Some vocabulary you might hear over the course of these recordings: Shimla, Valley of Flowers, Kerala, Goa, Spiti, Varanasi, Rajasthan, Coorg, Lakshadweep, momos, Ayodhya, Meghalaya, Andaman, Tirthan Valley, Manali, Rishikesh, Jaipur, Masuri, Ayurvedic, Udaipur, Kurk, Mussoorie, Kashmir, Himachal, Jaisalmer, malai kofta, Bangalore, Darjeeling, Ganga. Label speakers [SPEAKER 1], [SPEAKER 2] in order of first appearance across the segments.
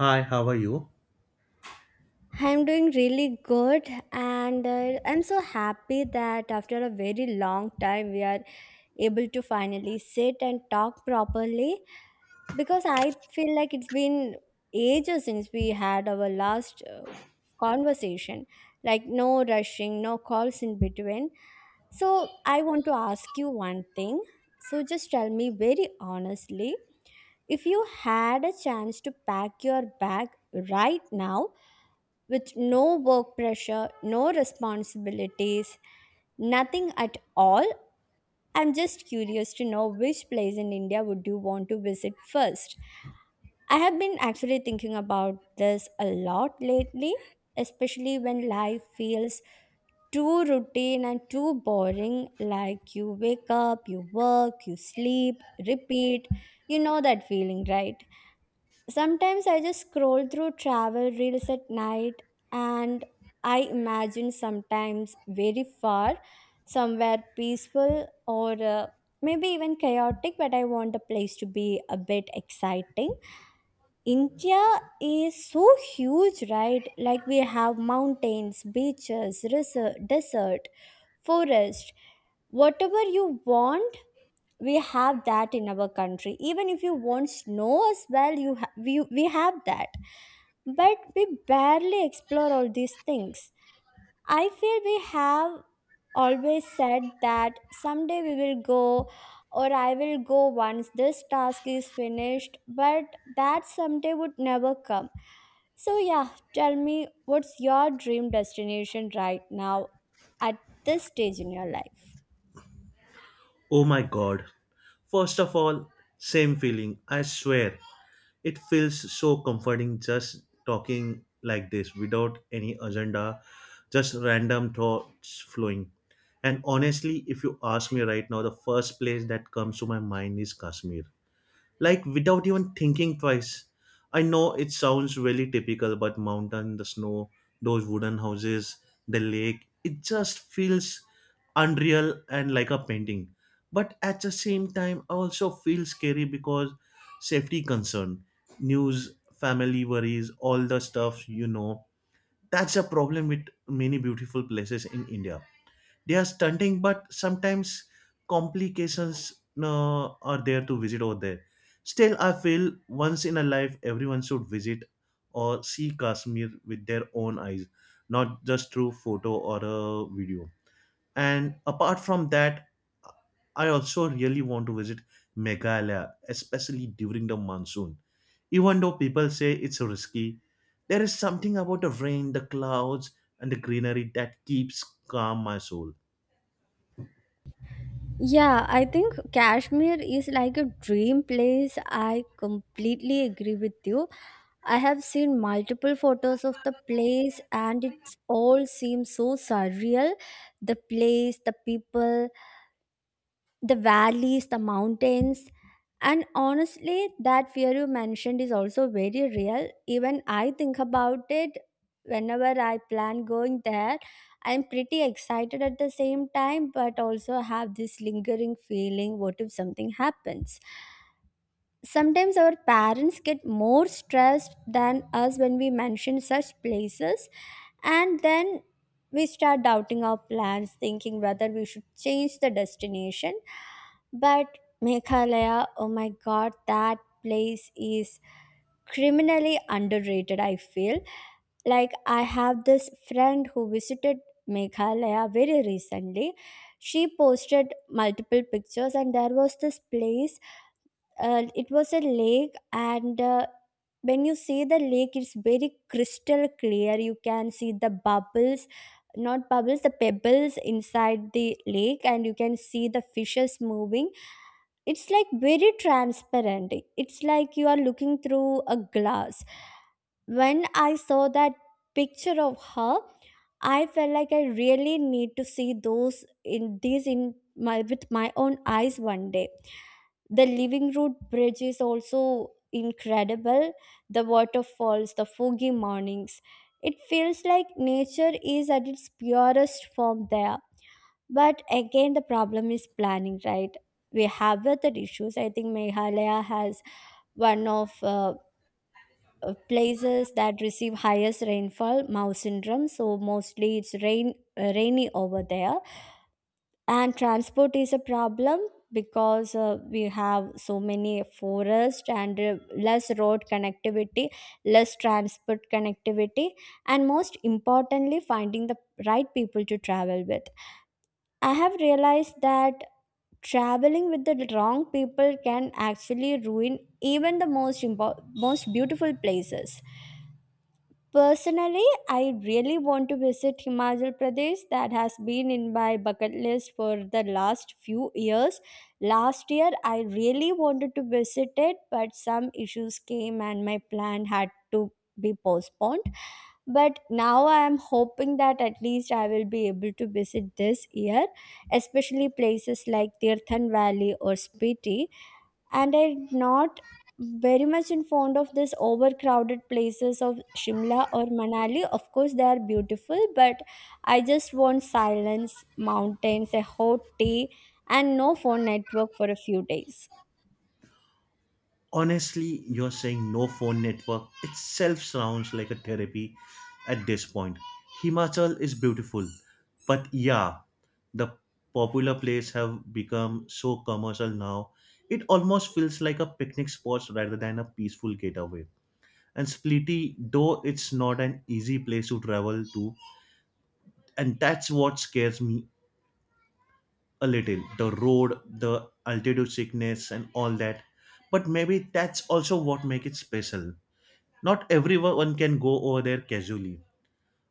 [SPEAKER 1] Hi, how are you?
[SPEAKER 2] I'm doing really good, and I'm so happy that after a very long time, we are able to finally sit and talk properly because I feel like it's been ages since we had our last conversation. Like, no rushing, no calls in between. So, I want to ask you one thing. So, just tell me very honestly if you had a chance to pack your bag right now with no work pressure, no responsibilities, nothing at all. I'm just curious to know which place in India would you want to visit first? I have been actually thinking about this a lot lately, especially when life feels too routine and too boring. Like you wake up, you work, you sleep, repeat. You know that feeling, right? Sometimes I just scroll through travel reels at night and I imagine sometimes very far, somewhere peaceful or maybe even chaotic, but I want the place to be a bit exciting. India is so huge, right? Like we have mountains, beaches, desert, forest, whatever you want, we have that in our country. Even if you won't know as well, we have that, but we barely explore all these things. I feel we have always said that someday we will go, or I will go once this task is finished, but that someday would never come. So yeah, tell me what's your dream destination right now at this stage in your life.
[SPEAKER 1] Oh my god. First of all, same feeling, I swear. It feels so comforting just talking like this without any agenda, just random thoughts flowing. And honestly, if you ask me right now, the first place that comes to my mind is Kashmir. Like, without even thinking twice. I know it sounds really typical, but mountain, the snow, those wooden houses, the lake, it just feels unreal and like a painting. But at the same time, I also feel scary because safety concern, news, family worries, all the stuff. That's a problem with many beautiful places in India. They are stunning, but sometimes complications are there to visit over there. Still, I feel once in a life everyone should visit or see Kashmir with their own eyes, not just through photo or a video. And apart from that, I also really want to visit Meghalaya, especially during the monsoon. Even though people say it's risky, there is something about the rain, the clouds, and the greenery that keeps calm my soul.
[SPEAKER 2] Yeah, I think Kashmir is like a dream place. I completely agree with you. I have seen multiple photos of the place and it all seems so surreal. The place, the people, the valleys, the mountains. And honestly, that fear you mentioned is also very real. Even I think about it whenever I plan going there. I'm pretty excited at the same time, but also have this lingering feeling what if something happens? Sometimes our parents get more stressed than us when we mention such places, and then we start doubting our plans, thinking whether we should change the destination. But Meghalaya, oh my god, that place is criminally underrated, I feel. Like, I have this friend who visited Meghalaya very recently. She posted multiple pictures, and there was this place it was a lake, and when you see the lake, it's very crystal clear. You can see the bubbles, not bubbles, the pebbles inside the lake, and you can see the fishes moving. It's like very transparent, it's like you are looking through a glass. When I saw that picture of her, I felt like I really need to see those in these in my with my own eyes one day. The living root bridge is also incredible, the waterfalls, the foggy mornings. It feels like nature is at its purest form there. But again, the problem is planning, right? We have other issues. I think Meghalaya has one of places that receive highest rainfall, Mao syndrome, so mostly it's rain, rainy over there. And transport is a problem because we have so many forests, and less road connectivity, less transport connectivity. And most importantly, finding the right people to travel with. I have realized that traveling with the wrong people can actually ruin even the most beautiful places. Personally, I really want to visit Himachal Pradesh. That has been in my bucket list for the last few years. Last year, I really wanted to visit it, but some issues came and my plan had to be postponed. But now I am hoping that at least I will be able to visit this year, especially places like Tirthan Valley or Spiti, and I'm not very much in fond of this overcrowded places of Shimla or Manali. Of course, they are beautiful, but I just want silence, mountains, a hot tea, and no phone network for a few days.
[SPEAKER 1] Honestly, you're saying no phone network itself sounds like a therapy at this point. Himachal is beautiful, but yeah, the popular place have become so commercial now. It almost feels like a picnic spot rather than a peaceful getaway. And Spliti, though it's not an easy place to travel to, and that's what scares me a little. The road, the altitude sickness, and all that. But maybe that's also what makes it special. Not everyone can go over there casually.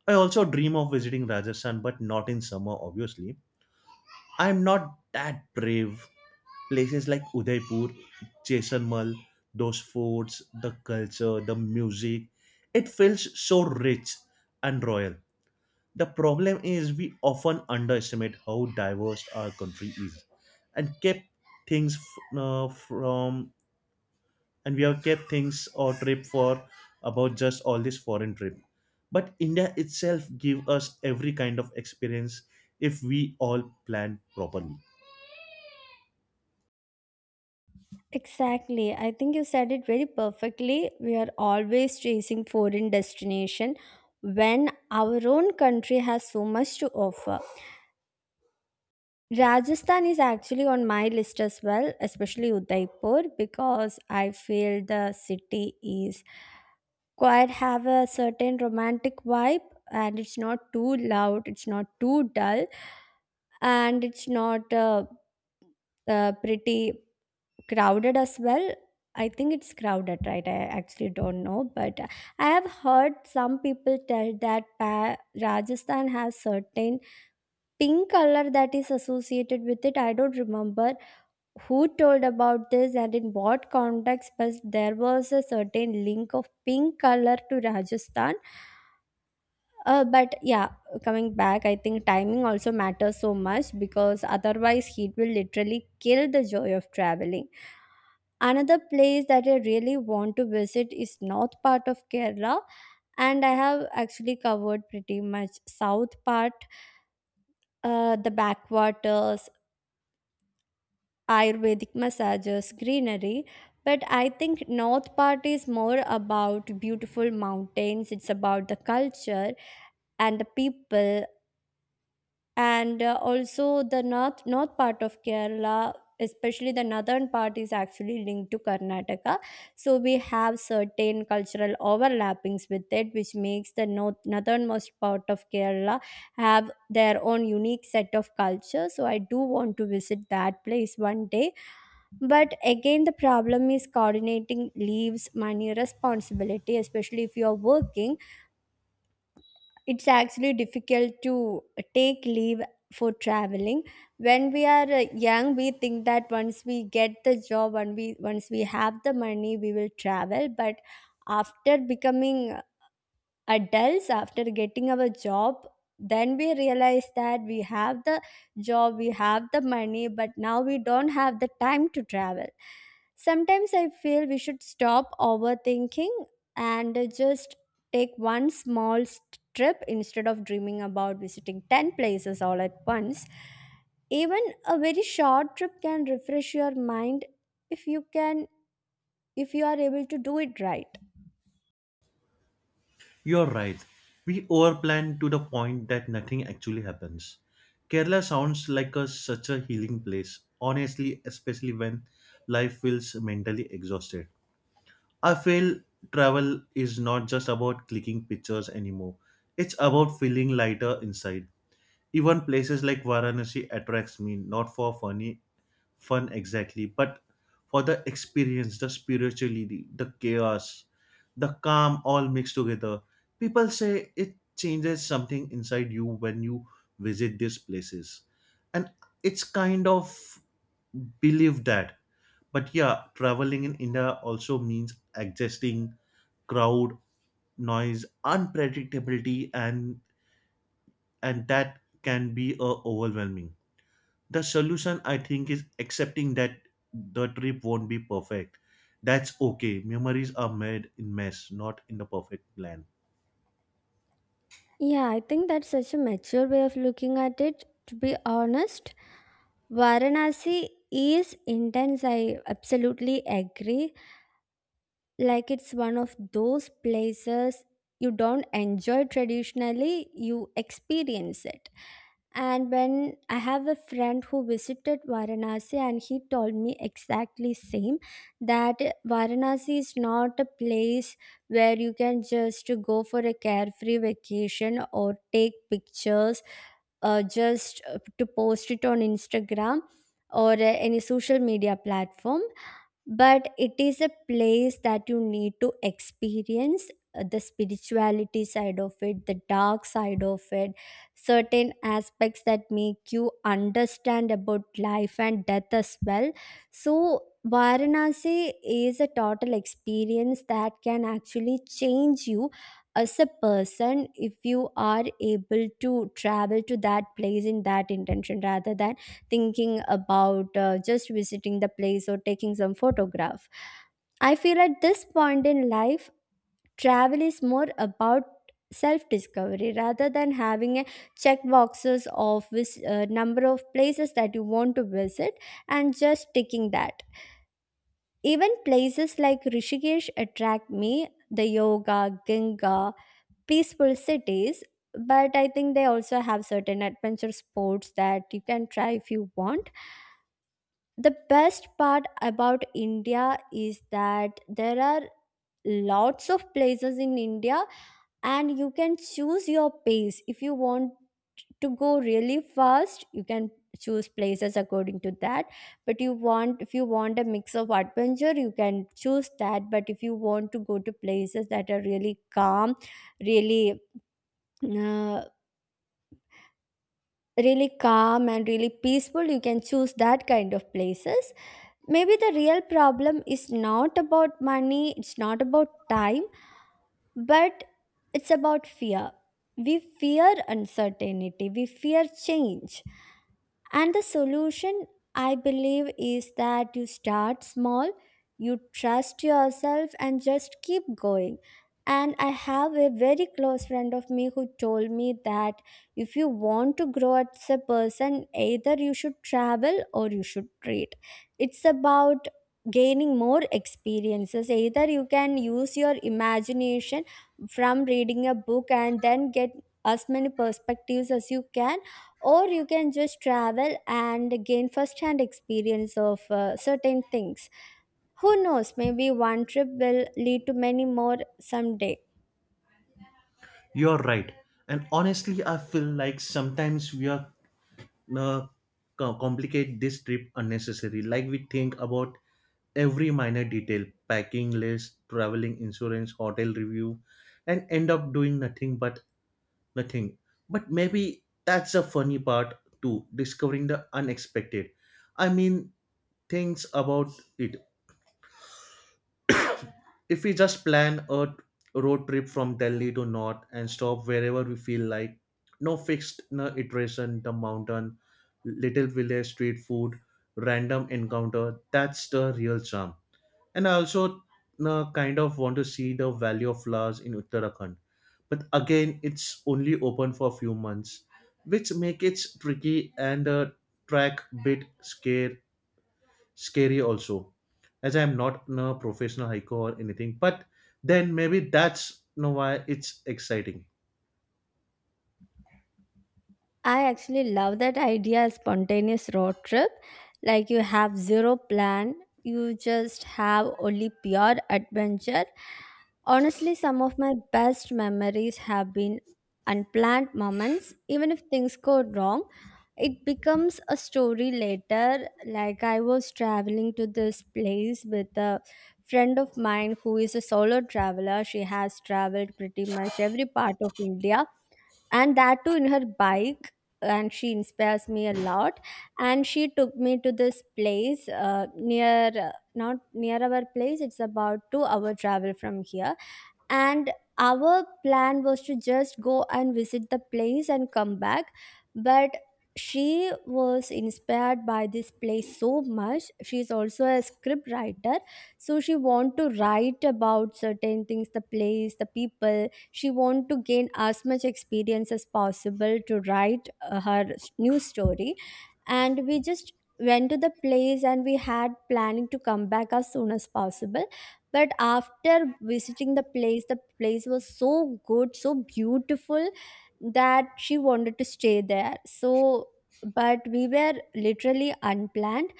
[SPEAKER 1] I also dream of visiting Rajasthan, but not in summer, obviously. I'm not that brave. Places like Udaipur, Jaisalmer, those forts, the culture, the music, it feels so rich and royal. The problem is we often underestimate how diverse our country is and keep things from, and we have kept things or trip for about just all this foreign trip. But India itself give us every kind of experience if we all plan properly.
[SPEAKER 2] Exactly. I think you said it very perfectly. We are always chasing foreign destination when our own country has so much to offer. Rajasthan is actually on my list as well, especially Udaipur, because I feel the city is quite have a certain romantic vibe, and it's not too loud, it's not too dull, and it's not pretty crowded as well. I think it's crowded, right? I actually don't know, but I have heard some people tell that Rajasthan has certain pink color that is associated with it. I don't remember who told about this and in what context, but there was a certain link of pink color to Rajasthan. But yeah, coming back, I think timing also matters so much because otherwise heat will literally kill the joy of traveling. Another place that I really want to visit is north part of Kerala, and I have actually covered pretty much south part, the backwaters, Ayurvedic massages, greenery. But I think North part is more about beautiful mountains. It's about the culture and the people, and also the north part of Kerala. Especially the northern part is actually linked to Karnataka, so we have certain cultural overlappings with it, which makes the northernmost part of Kerala have their own unique set of culture. So I do want to visit that place one day, but again, the problem is coordinating leaves, money, responsibility, especially if you are working. It's actually difficult to take leave for traveling. When we are young, we think that once we get the job and we once we have the money, we will travel. But after becoming adults, after getting our job, then we realize that we have the job, we have the money, but now we don't have the time to travel. Sometimes I feel we should stop overthinking and just take one small trip instead of dreaming about visiting 10 places all at once. Even a very short trip can refresh your mind if you can, if you are able to do it right.
[SPEAKER 1] You're right. We overplan to the point that nothing actually happens. Kerala sounds like a such a healing place, honestly, especially when life feels mentally exhausted. I feel travel is not just about clicking pictures anymore. It's about feeling lighter inside. Even places like Varanasi attracts me, not for fun exactly, but for the experience, the spirituality, the chaos, the calm all mixed together. People say it changes something inside you when you visit these places. And it's kind of believe that. But yeah, traveling in India also means adjusting crowd, noise, unpredictability, and that can be overwhelming. The solution, I think, is accepting that the trip won't be perfect. That's okay. Memories are made in mess, not in the perfect plan.
[SPEAKER 2] Yeah, I think that's such a mature way of looking at it, to be honest. Varanasi is intense, I absolutely agree. Like, it's one of those places you don't enjoy traditionally, you experience it. And when I have a friend who visited Varanasi and he told me exactly same, that Varanasi is not a place where you can just go for a carefree vacation or take pictures, just to post it on Instagram or any social media platform, but it is a place that you need to experience, the spirituality side of it, the dark side of it, certain aspects that make you understand about life and death as well. So Varanasi is a total experience that can actually change you as a person if you are able to travel to that place in that intention, rather than thinking about just visiting the place or taking some photograph. I feel at this point in life, travel is more about self discovery rather than having a check boxes of which number of places that you want to visit and just ticking that. Even places like Rishikesh attract me, the yoga, Ganga, peaceful cities, but I think they also have certain adventure sports that you can try if you want. The best part about India is that there are lots of places in India, and you can choose your pace. If you want to go really fast, you can choose places according to that, but you want, if you want a mix of adventure, you can choose that. But if you want to go to places that are really calm, really uh, really calm and really peaceful, you can choose that kind of places. Maybe the real problem is not about money, it's not about time, but it's about fear. We fear uncertainty, we fear change. And the solution, I believe, is that you start small, you trust yourself, and just keep going. And I have a very close friend of me who told me that if you want to grow as a person, either you should travel or you should read. It's about gaining more experiences. Either you can use your imagination from reading a book and then get as many perspectives as you can, or you can just travel and gain first hand experience of certain things. Who knows, maybe one trip will lead to many more someday.
[SPEAKER 1] You're right. And honestly, I feel like sometimes we are uh, complicate this trip unnecessary. Like, we think about every minor detail, packing list, traveling insurance, hotel review, and end up doing nothing, but maybe that's the funny part too, discovering the unexpected. I mean, things about it. If we just plan a road trip from Delhi to North and stop wherever we feel like, no fixed no iteration, the mountain, little village, street food, random encounter, that's the real charm. And I also no, kind of want to see the Valley of Flowers in Uttarakhand. But again, it's only open for a few months, which make it tricky, and the track bit scare scary also, as I'm not a professional hiker or anything. But then maybe that's why it's exciting.
[SPEAKER 2] I actually love that idea spontaneous road trip. Like you have zero plan, you just have only pure adventure. Honestly, some of my best memories have been unplanned moments. Even if things go wrong, it becomes a story later. Like I was traveling to this place with a friend of mine who is a solo traveler. She has traveled pretty much every part of India, and that too in her bike, and she inspires me a lot, and she took me to this place near not near our place. It's about 2-hour travel from here, and our plan was to just go and visit the place and come back. But she was inspired by this place so much. She is also a script writer, so she want to write about certain things, the place, the people. She want to gain as much experience as possible to write her new story. And we just went to the place and we had planning to come back as soon as possible. But after visiting the place, the place was so good, so beautiful that she wanted to stay there. So but we were literally unplanned.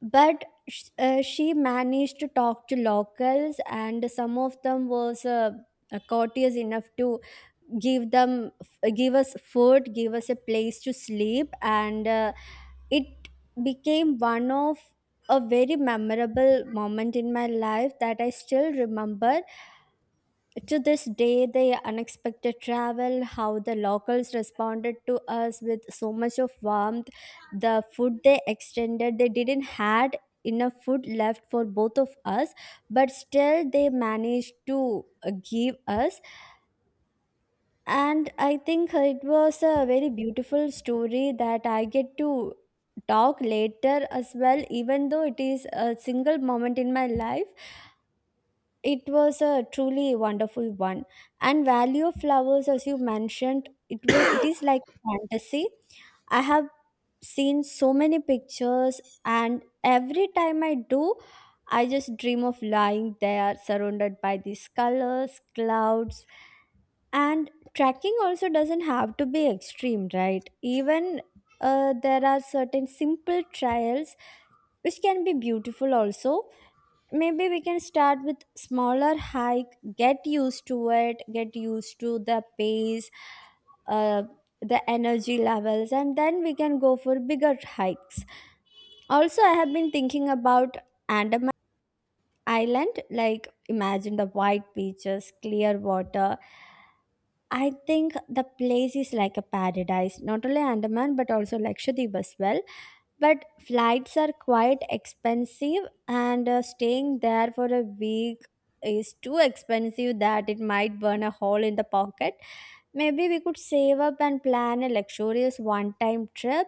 [SPEAKER 2] But she managed to talk to locals, and some of them was courteous enough to give them give us food, give us a place to sleep, and it became one of a very memorable moment in my life that I still remember to this day: the unexpected travel, how the locals responded to us with so much of warmth, the food they extended. They didn't had enough food left for both of us, but still they managed to give us. And I think it was a very beautiful story that I get to talk later as well, even though it is a single moment in my life. It was a truly wonderful one. And Valley of Flowers, as you mentioned, it is like fantasy. I have seen so many pictures, and every time I do, I just dream of lying there surrounded by these colors, clouds, and tracking also doesn't have to be extreme, right? Even there are certain simple trials which can be beautiful also. Maybe we can start with smaller hike, get used to it, get used to the pace, uh, the energy levels, and then we can go for bigger hikes. Also, I have been thinking about Andaman Island. Like, imagine the white beaches, clear water. I think the place is like a paradise, not only Andaman but also Lakshadweep as well. But flights are quite expensive, and staying there for a week is too expensive that it might burn a hole in the pocket. Maybe we could save up and plan a luxurious one time trip.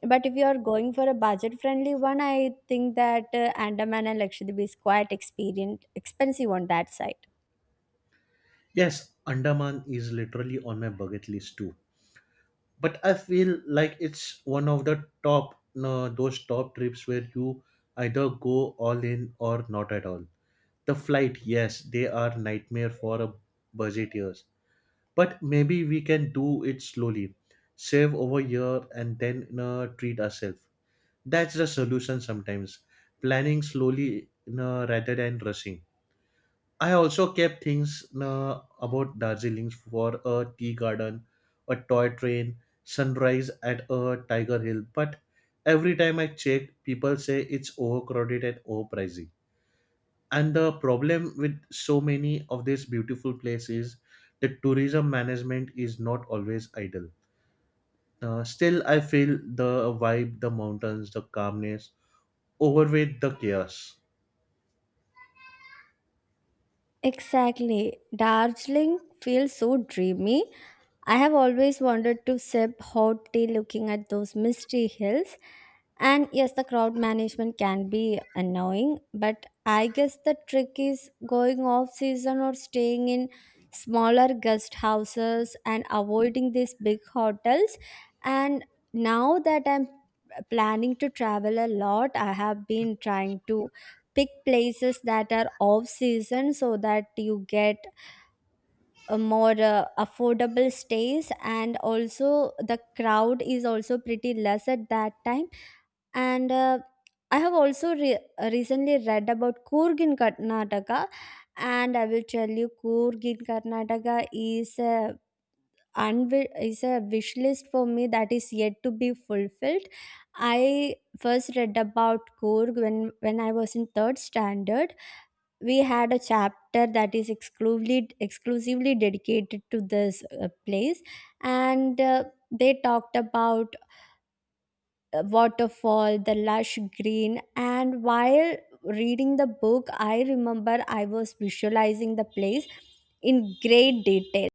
[SPEAKER 2] But if you are going for a budget friendly one, I think that Andaman and Lakshadweep is quite experien expensive on that side.
[SPEAKER 1] Yes, Andaman is literally on my bucket list too, but I feel like it's one of the top no those top trips where you either go all in or not at all. The flight, yes, they are nightmare for a budgeteers. But maybe we can do it slowly, save over here, and then you treat ourselves. That's the solution sometimes. Planning slowly no, rather than rushing. I also kept things no, about Darjeeling for a tea garden, a toy train, sunrise at a tiger hill. But every time I check, people say it's overcrowded and overpricey. And the problem with so many of these beautiful places, the tourism management is not always ideal. Still, I feel the vibe, the mountains, the calmness overweight the chaos.
[SPEAKER 2] Exactly. Darjeeling feels so dreamy. I have always wanted to sip hot tea looking at those misty hills. And yes, the crowd management can be annoying, but I guess the trick is going off season or staying in smaller guest houses and avoiding these big hotels. And now that I'm planning to travel a lot, I have been trying to pick places that are off season, so that you get more affordable stays, and also the crowd is also pretty less at that time. And I have also recently read about Coorg in Karnataka. And I will tell you, Coorg in Karnataka is a is a wish list for me that is yet to be fulfilled. I first read about Coorg when I was in third standard. We had a chapter that is exclusively dedicated to this place. And they talked about waterfall, the lush green. And while reading the book, I remember I was visualizing the place in great detail.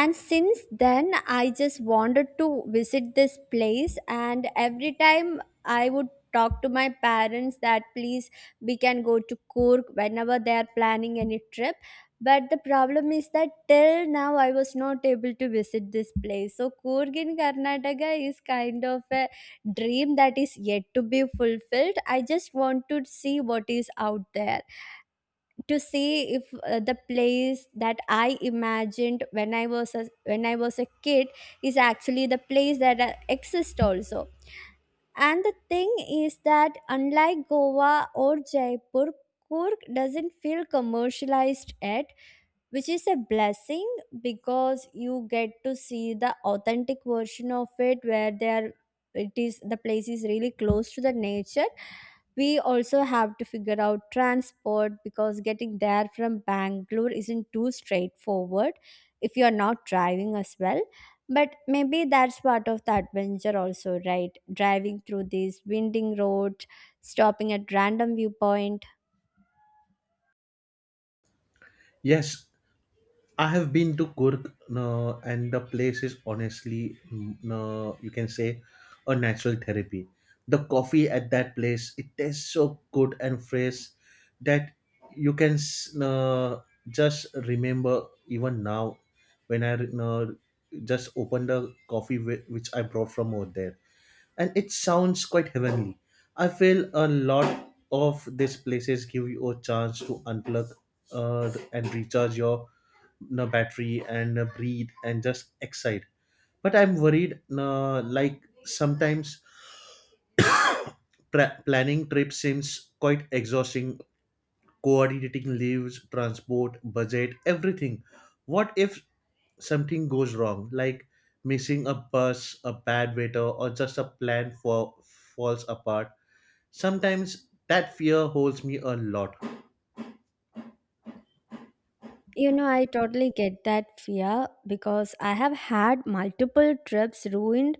[SPEAKER 2] And since then, I just wanted to visit this place, and every time I would talk to my parents that please, we can go to Coorg whenever they are planning any trip. But the problem is that till now I was not able to visit this place. So Coorg in Karnataka is kind of a dream that is yet to be fulfilled. I just want to see what is out there, to see if the place that I imagined when when I was a kid is actually the place that exists also. And the thing is that, unlike Goa or Jaipur, Kurk doesn't feel commercialized yet, which is a blessing, because you get to see the authentic version of it where they are, it is, the place is really close to the nature. We also have to figure out transport, because getting there from Bangalore isn't too straightforward if you're not driving as well. But maybe that's part of the adventure, also, right? Driving through these winding roads, stopping at random viewpoint.
[SPEAKER 1] Yes, I have been to Kurk, no, and the place is honestly, no, you can say, a natural therapy. The coffee at that place, it tastes so good and fresh that you can s- no, just remember even now when I no, just open the coffee which I brought from over there. And it sounds quite heavenly. I feel a lot of these places give you a chance to unplug and recharge your battery and breathe and just excite. But I'm worried, like sometimes planning trips seems quite exhausting, coordinating leaves, transport, budget, everything. What if something goes wrong, like missing a bus, a bad waiter, or just a plan for falls apart? Sometimes that fear holds me a lot.
[SPEAKER 2] You know, I totally get that fear, because I have had multiple trips ruined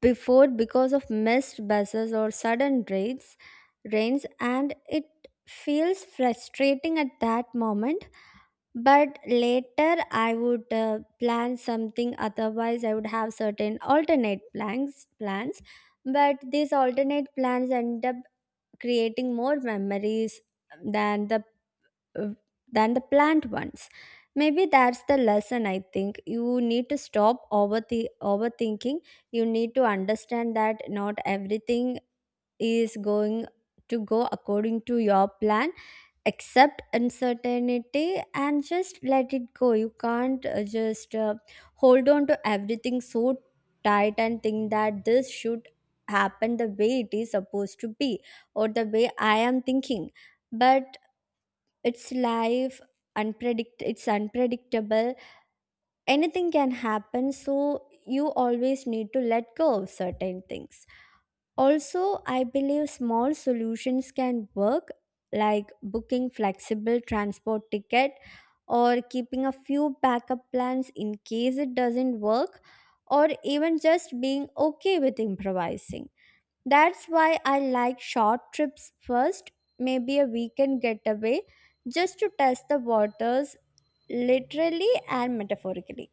[SPEAKER 2] before because of missed buses or sudden rains, and it feels frustrating at that moment. But later I would plan something, otherwise I would have certain alternate plans. But these alternate plans end up creating more memories than the uh, plant ones. Maybe that's the lesson. I think you need to stop overthinking. You need to understand that not everything is going to go according to your plan. Accept uncertainty and just let it go. You can't just hold on to everything so tight and think that this should happen the way it is supposed to be, or the way I am thinking. But it's life. Unpredict It's unpredictable. Anything can happen. So you always need to let go of certain things also. I believe small solutions can work, like booking flexible transport ticket, or keeping a few backup plans in case it doesn't work, or even just being okay with improvising. That's why I like short trips first, maybe a weekend getaway, just to test the waters, literally and metaphorically.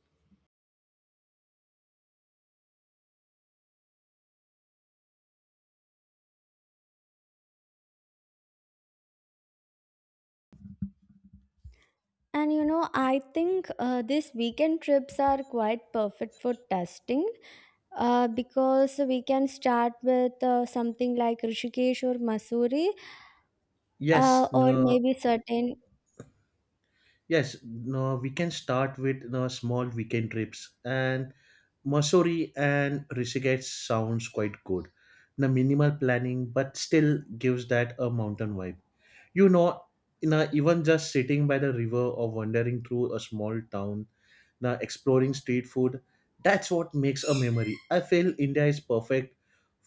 [SPEAKER 2] And you know, I think these weekend trips are quite perfect for testing, because we can start with something like Rishikesh or Masuri,
[SPEAKER 1] Yes,
[SPEAKER 2] or
[SPEAKER 1] no,
[SPEAKER 2] maybe certain.
[SPEAKER 1] yes, no, we can start with no, small weekend trips, and Mussoorie and Rishikesh sounds quite good. The minimal planning, but still gives that a mountain vibe. you know you know, even just sitting by the river or wandering through a small town now exploring street food, that's what makes a memory. I feel India is perfect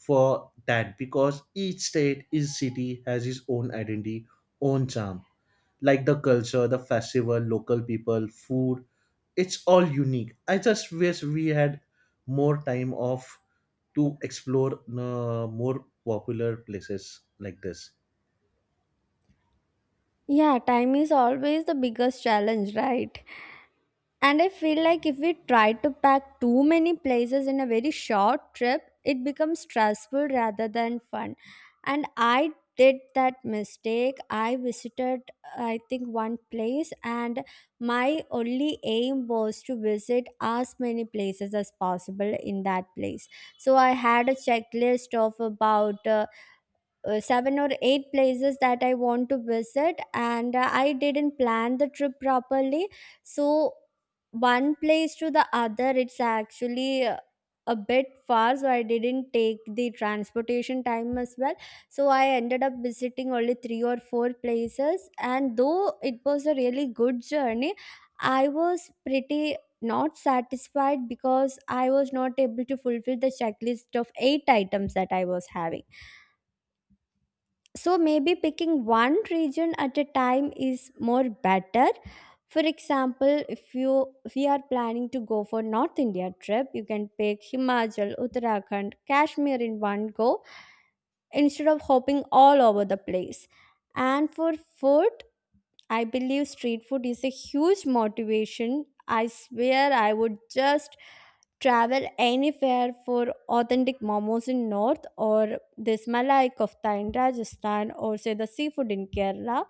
[SPEAKER 1] for that, because each state each city has its own identity, own charm, like the culture, the festival, local people, food, it's all unique. I just wish we had more time off to explore more popular places like this.
[SPEAKER 2] Yeah, time is always the biggest challenge, right? And I feel like if we try to pack too many places in a very short trip, it becomes stressful rather than fun. And I did that mistake. I visited, I think, one place, and my only aim was to visit as many places as possible in that place. So I had a checklist of about seven or eight places that I want to visit, and I didn't plan the trip properly. So one place to the other, it's actually a bit far, so I didn't take the transportation time as well. So I ended up visiting only three or four places, and though it was a really good journey, I was pretty not satisfied because I was not able to fulfill the checklist of eight items that I was having. So maybe picking one region at a time is more better. For example, if you are planning to go for north India trip, you can pick Himachal, Uttarakhand, Kashmir in one go, instead of hopping all over the place. And for food, I believe street food is a huge motivation. I swear I would just travel anywhere for authentic momos in north, or this malai kofta in Rajasthan, or say the seafood in Kerala.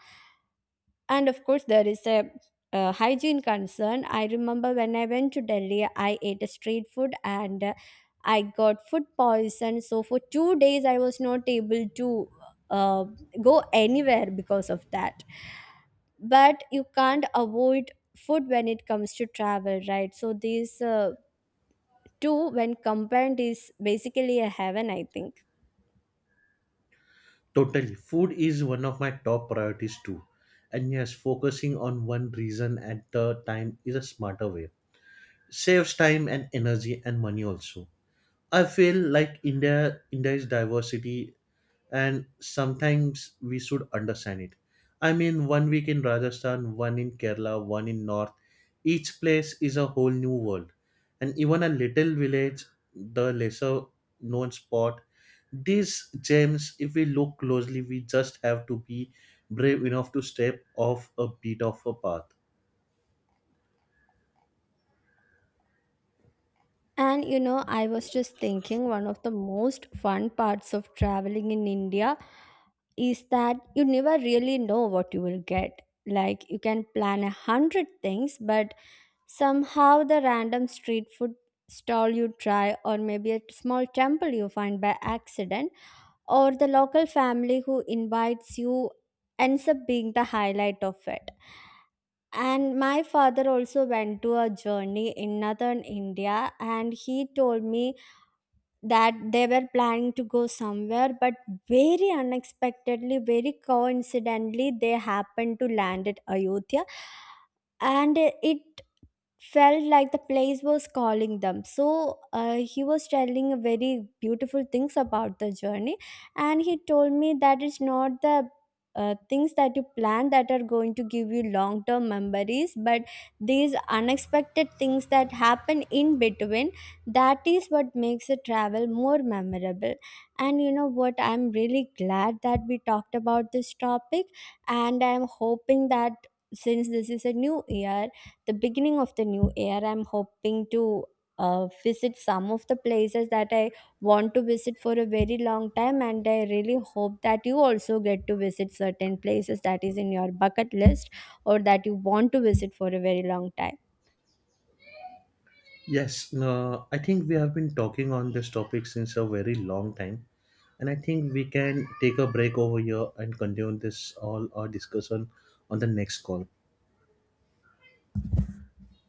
[SPEAKER 2] And of course, there is a hygiene concern. I remember when I went to Delhi, I ate a street food, and I got food poison. So for 2 days, I was not able to uh, go anywhere because of that. But you can't avoid food when it comes to travel, right? So these two when combined is basically a heaven, I think.
[SPEAKER 1] Totally. Food is one of my top priorities too. And yes, focusing on one reason at the time is a smarter way. Saves time and energy and money also. I feel like India's diversity, and sometimes we should understand it. I mean, one week in Rajasthan, one in Kerala, one in North. Each place is a whole new world. And even a little village, the lesser known spot, these gems, if we look closely, we just have to be brave enough to step off a bit of a path.
[SPEAKER 2] And you know, I was just thinking, one of the most fun parts of traveling in India is that you never really know what you will get. Like, you can plan 100 things, but somehow the random street food stall you try, or maybe a small temple you find by accident, or the local family who invites you ends up being the highlight of it. And my father also went to a journey in northern India, and he told me that they were planning to go somewhere, but very unexpectedly, very coincidentally, they happened to land at Ayodhya. And it felt like the place was calling them. So he was telling very beautiful things about the journey. And he told me that it's not the things that you plan that are going to give you long term memories, but these unexpected things that happen in between, that is what makes a travel more memorable. And you know what, I'm really glad that we talked about this topic. And I'm hoping that, since this is a new year, the beginning of the new year, I'm hoping to visit some of the places that I want to visit for a very long time. And I really hope that you also get to visit certain places that is in your bucket list, or that you want to visit for a very long time.
[SPEAKER 1] Yes, no, I think we have been talking on this topic since a very long time, and I think we can take a break over here and continue this all our discussion on the next call.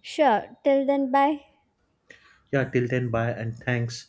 [SPEAKER 2] Sure, till then, bye.
[SPEAKER 1] Yeah, till then, bye and thanks.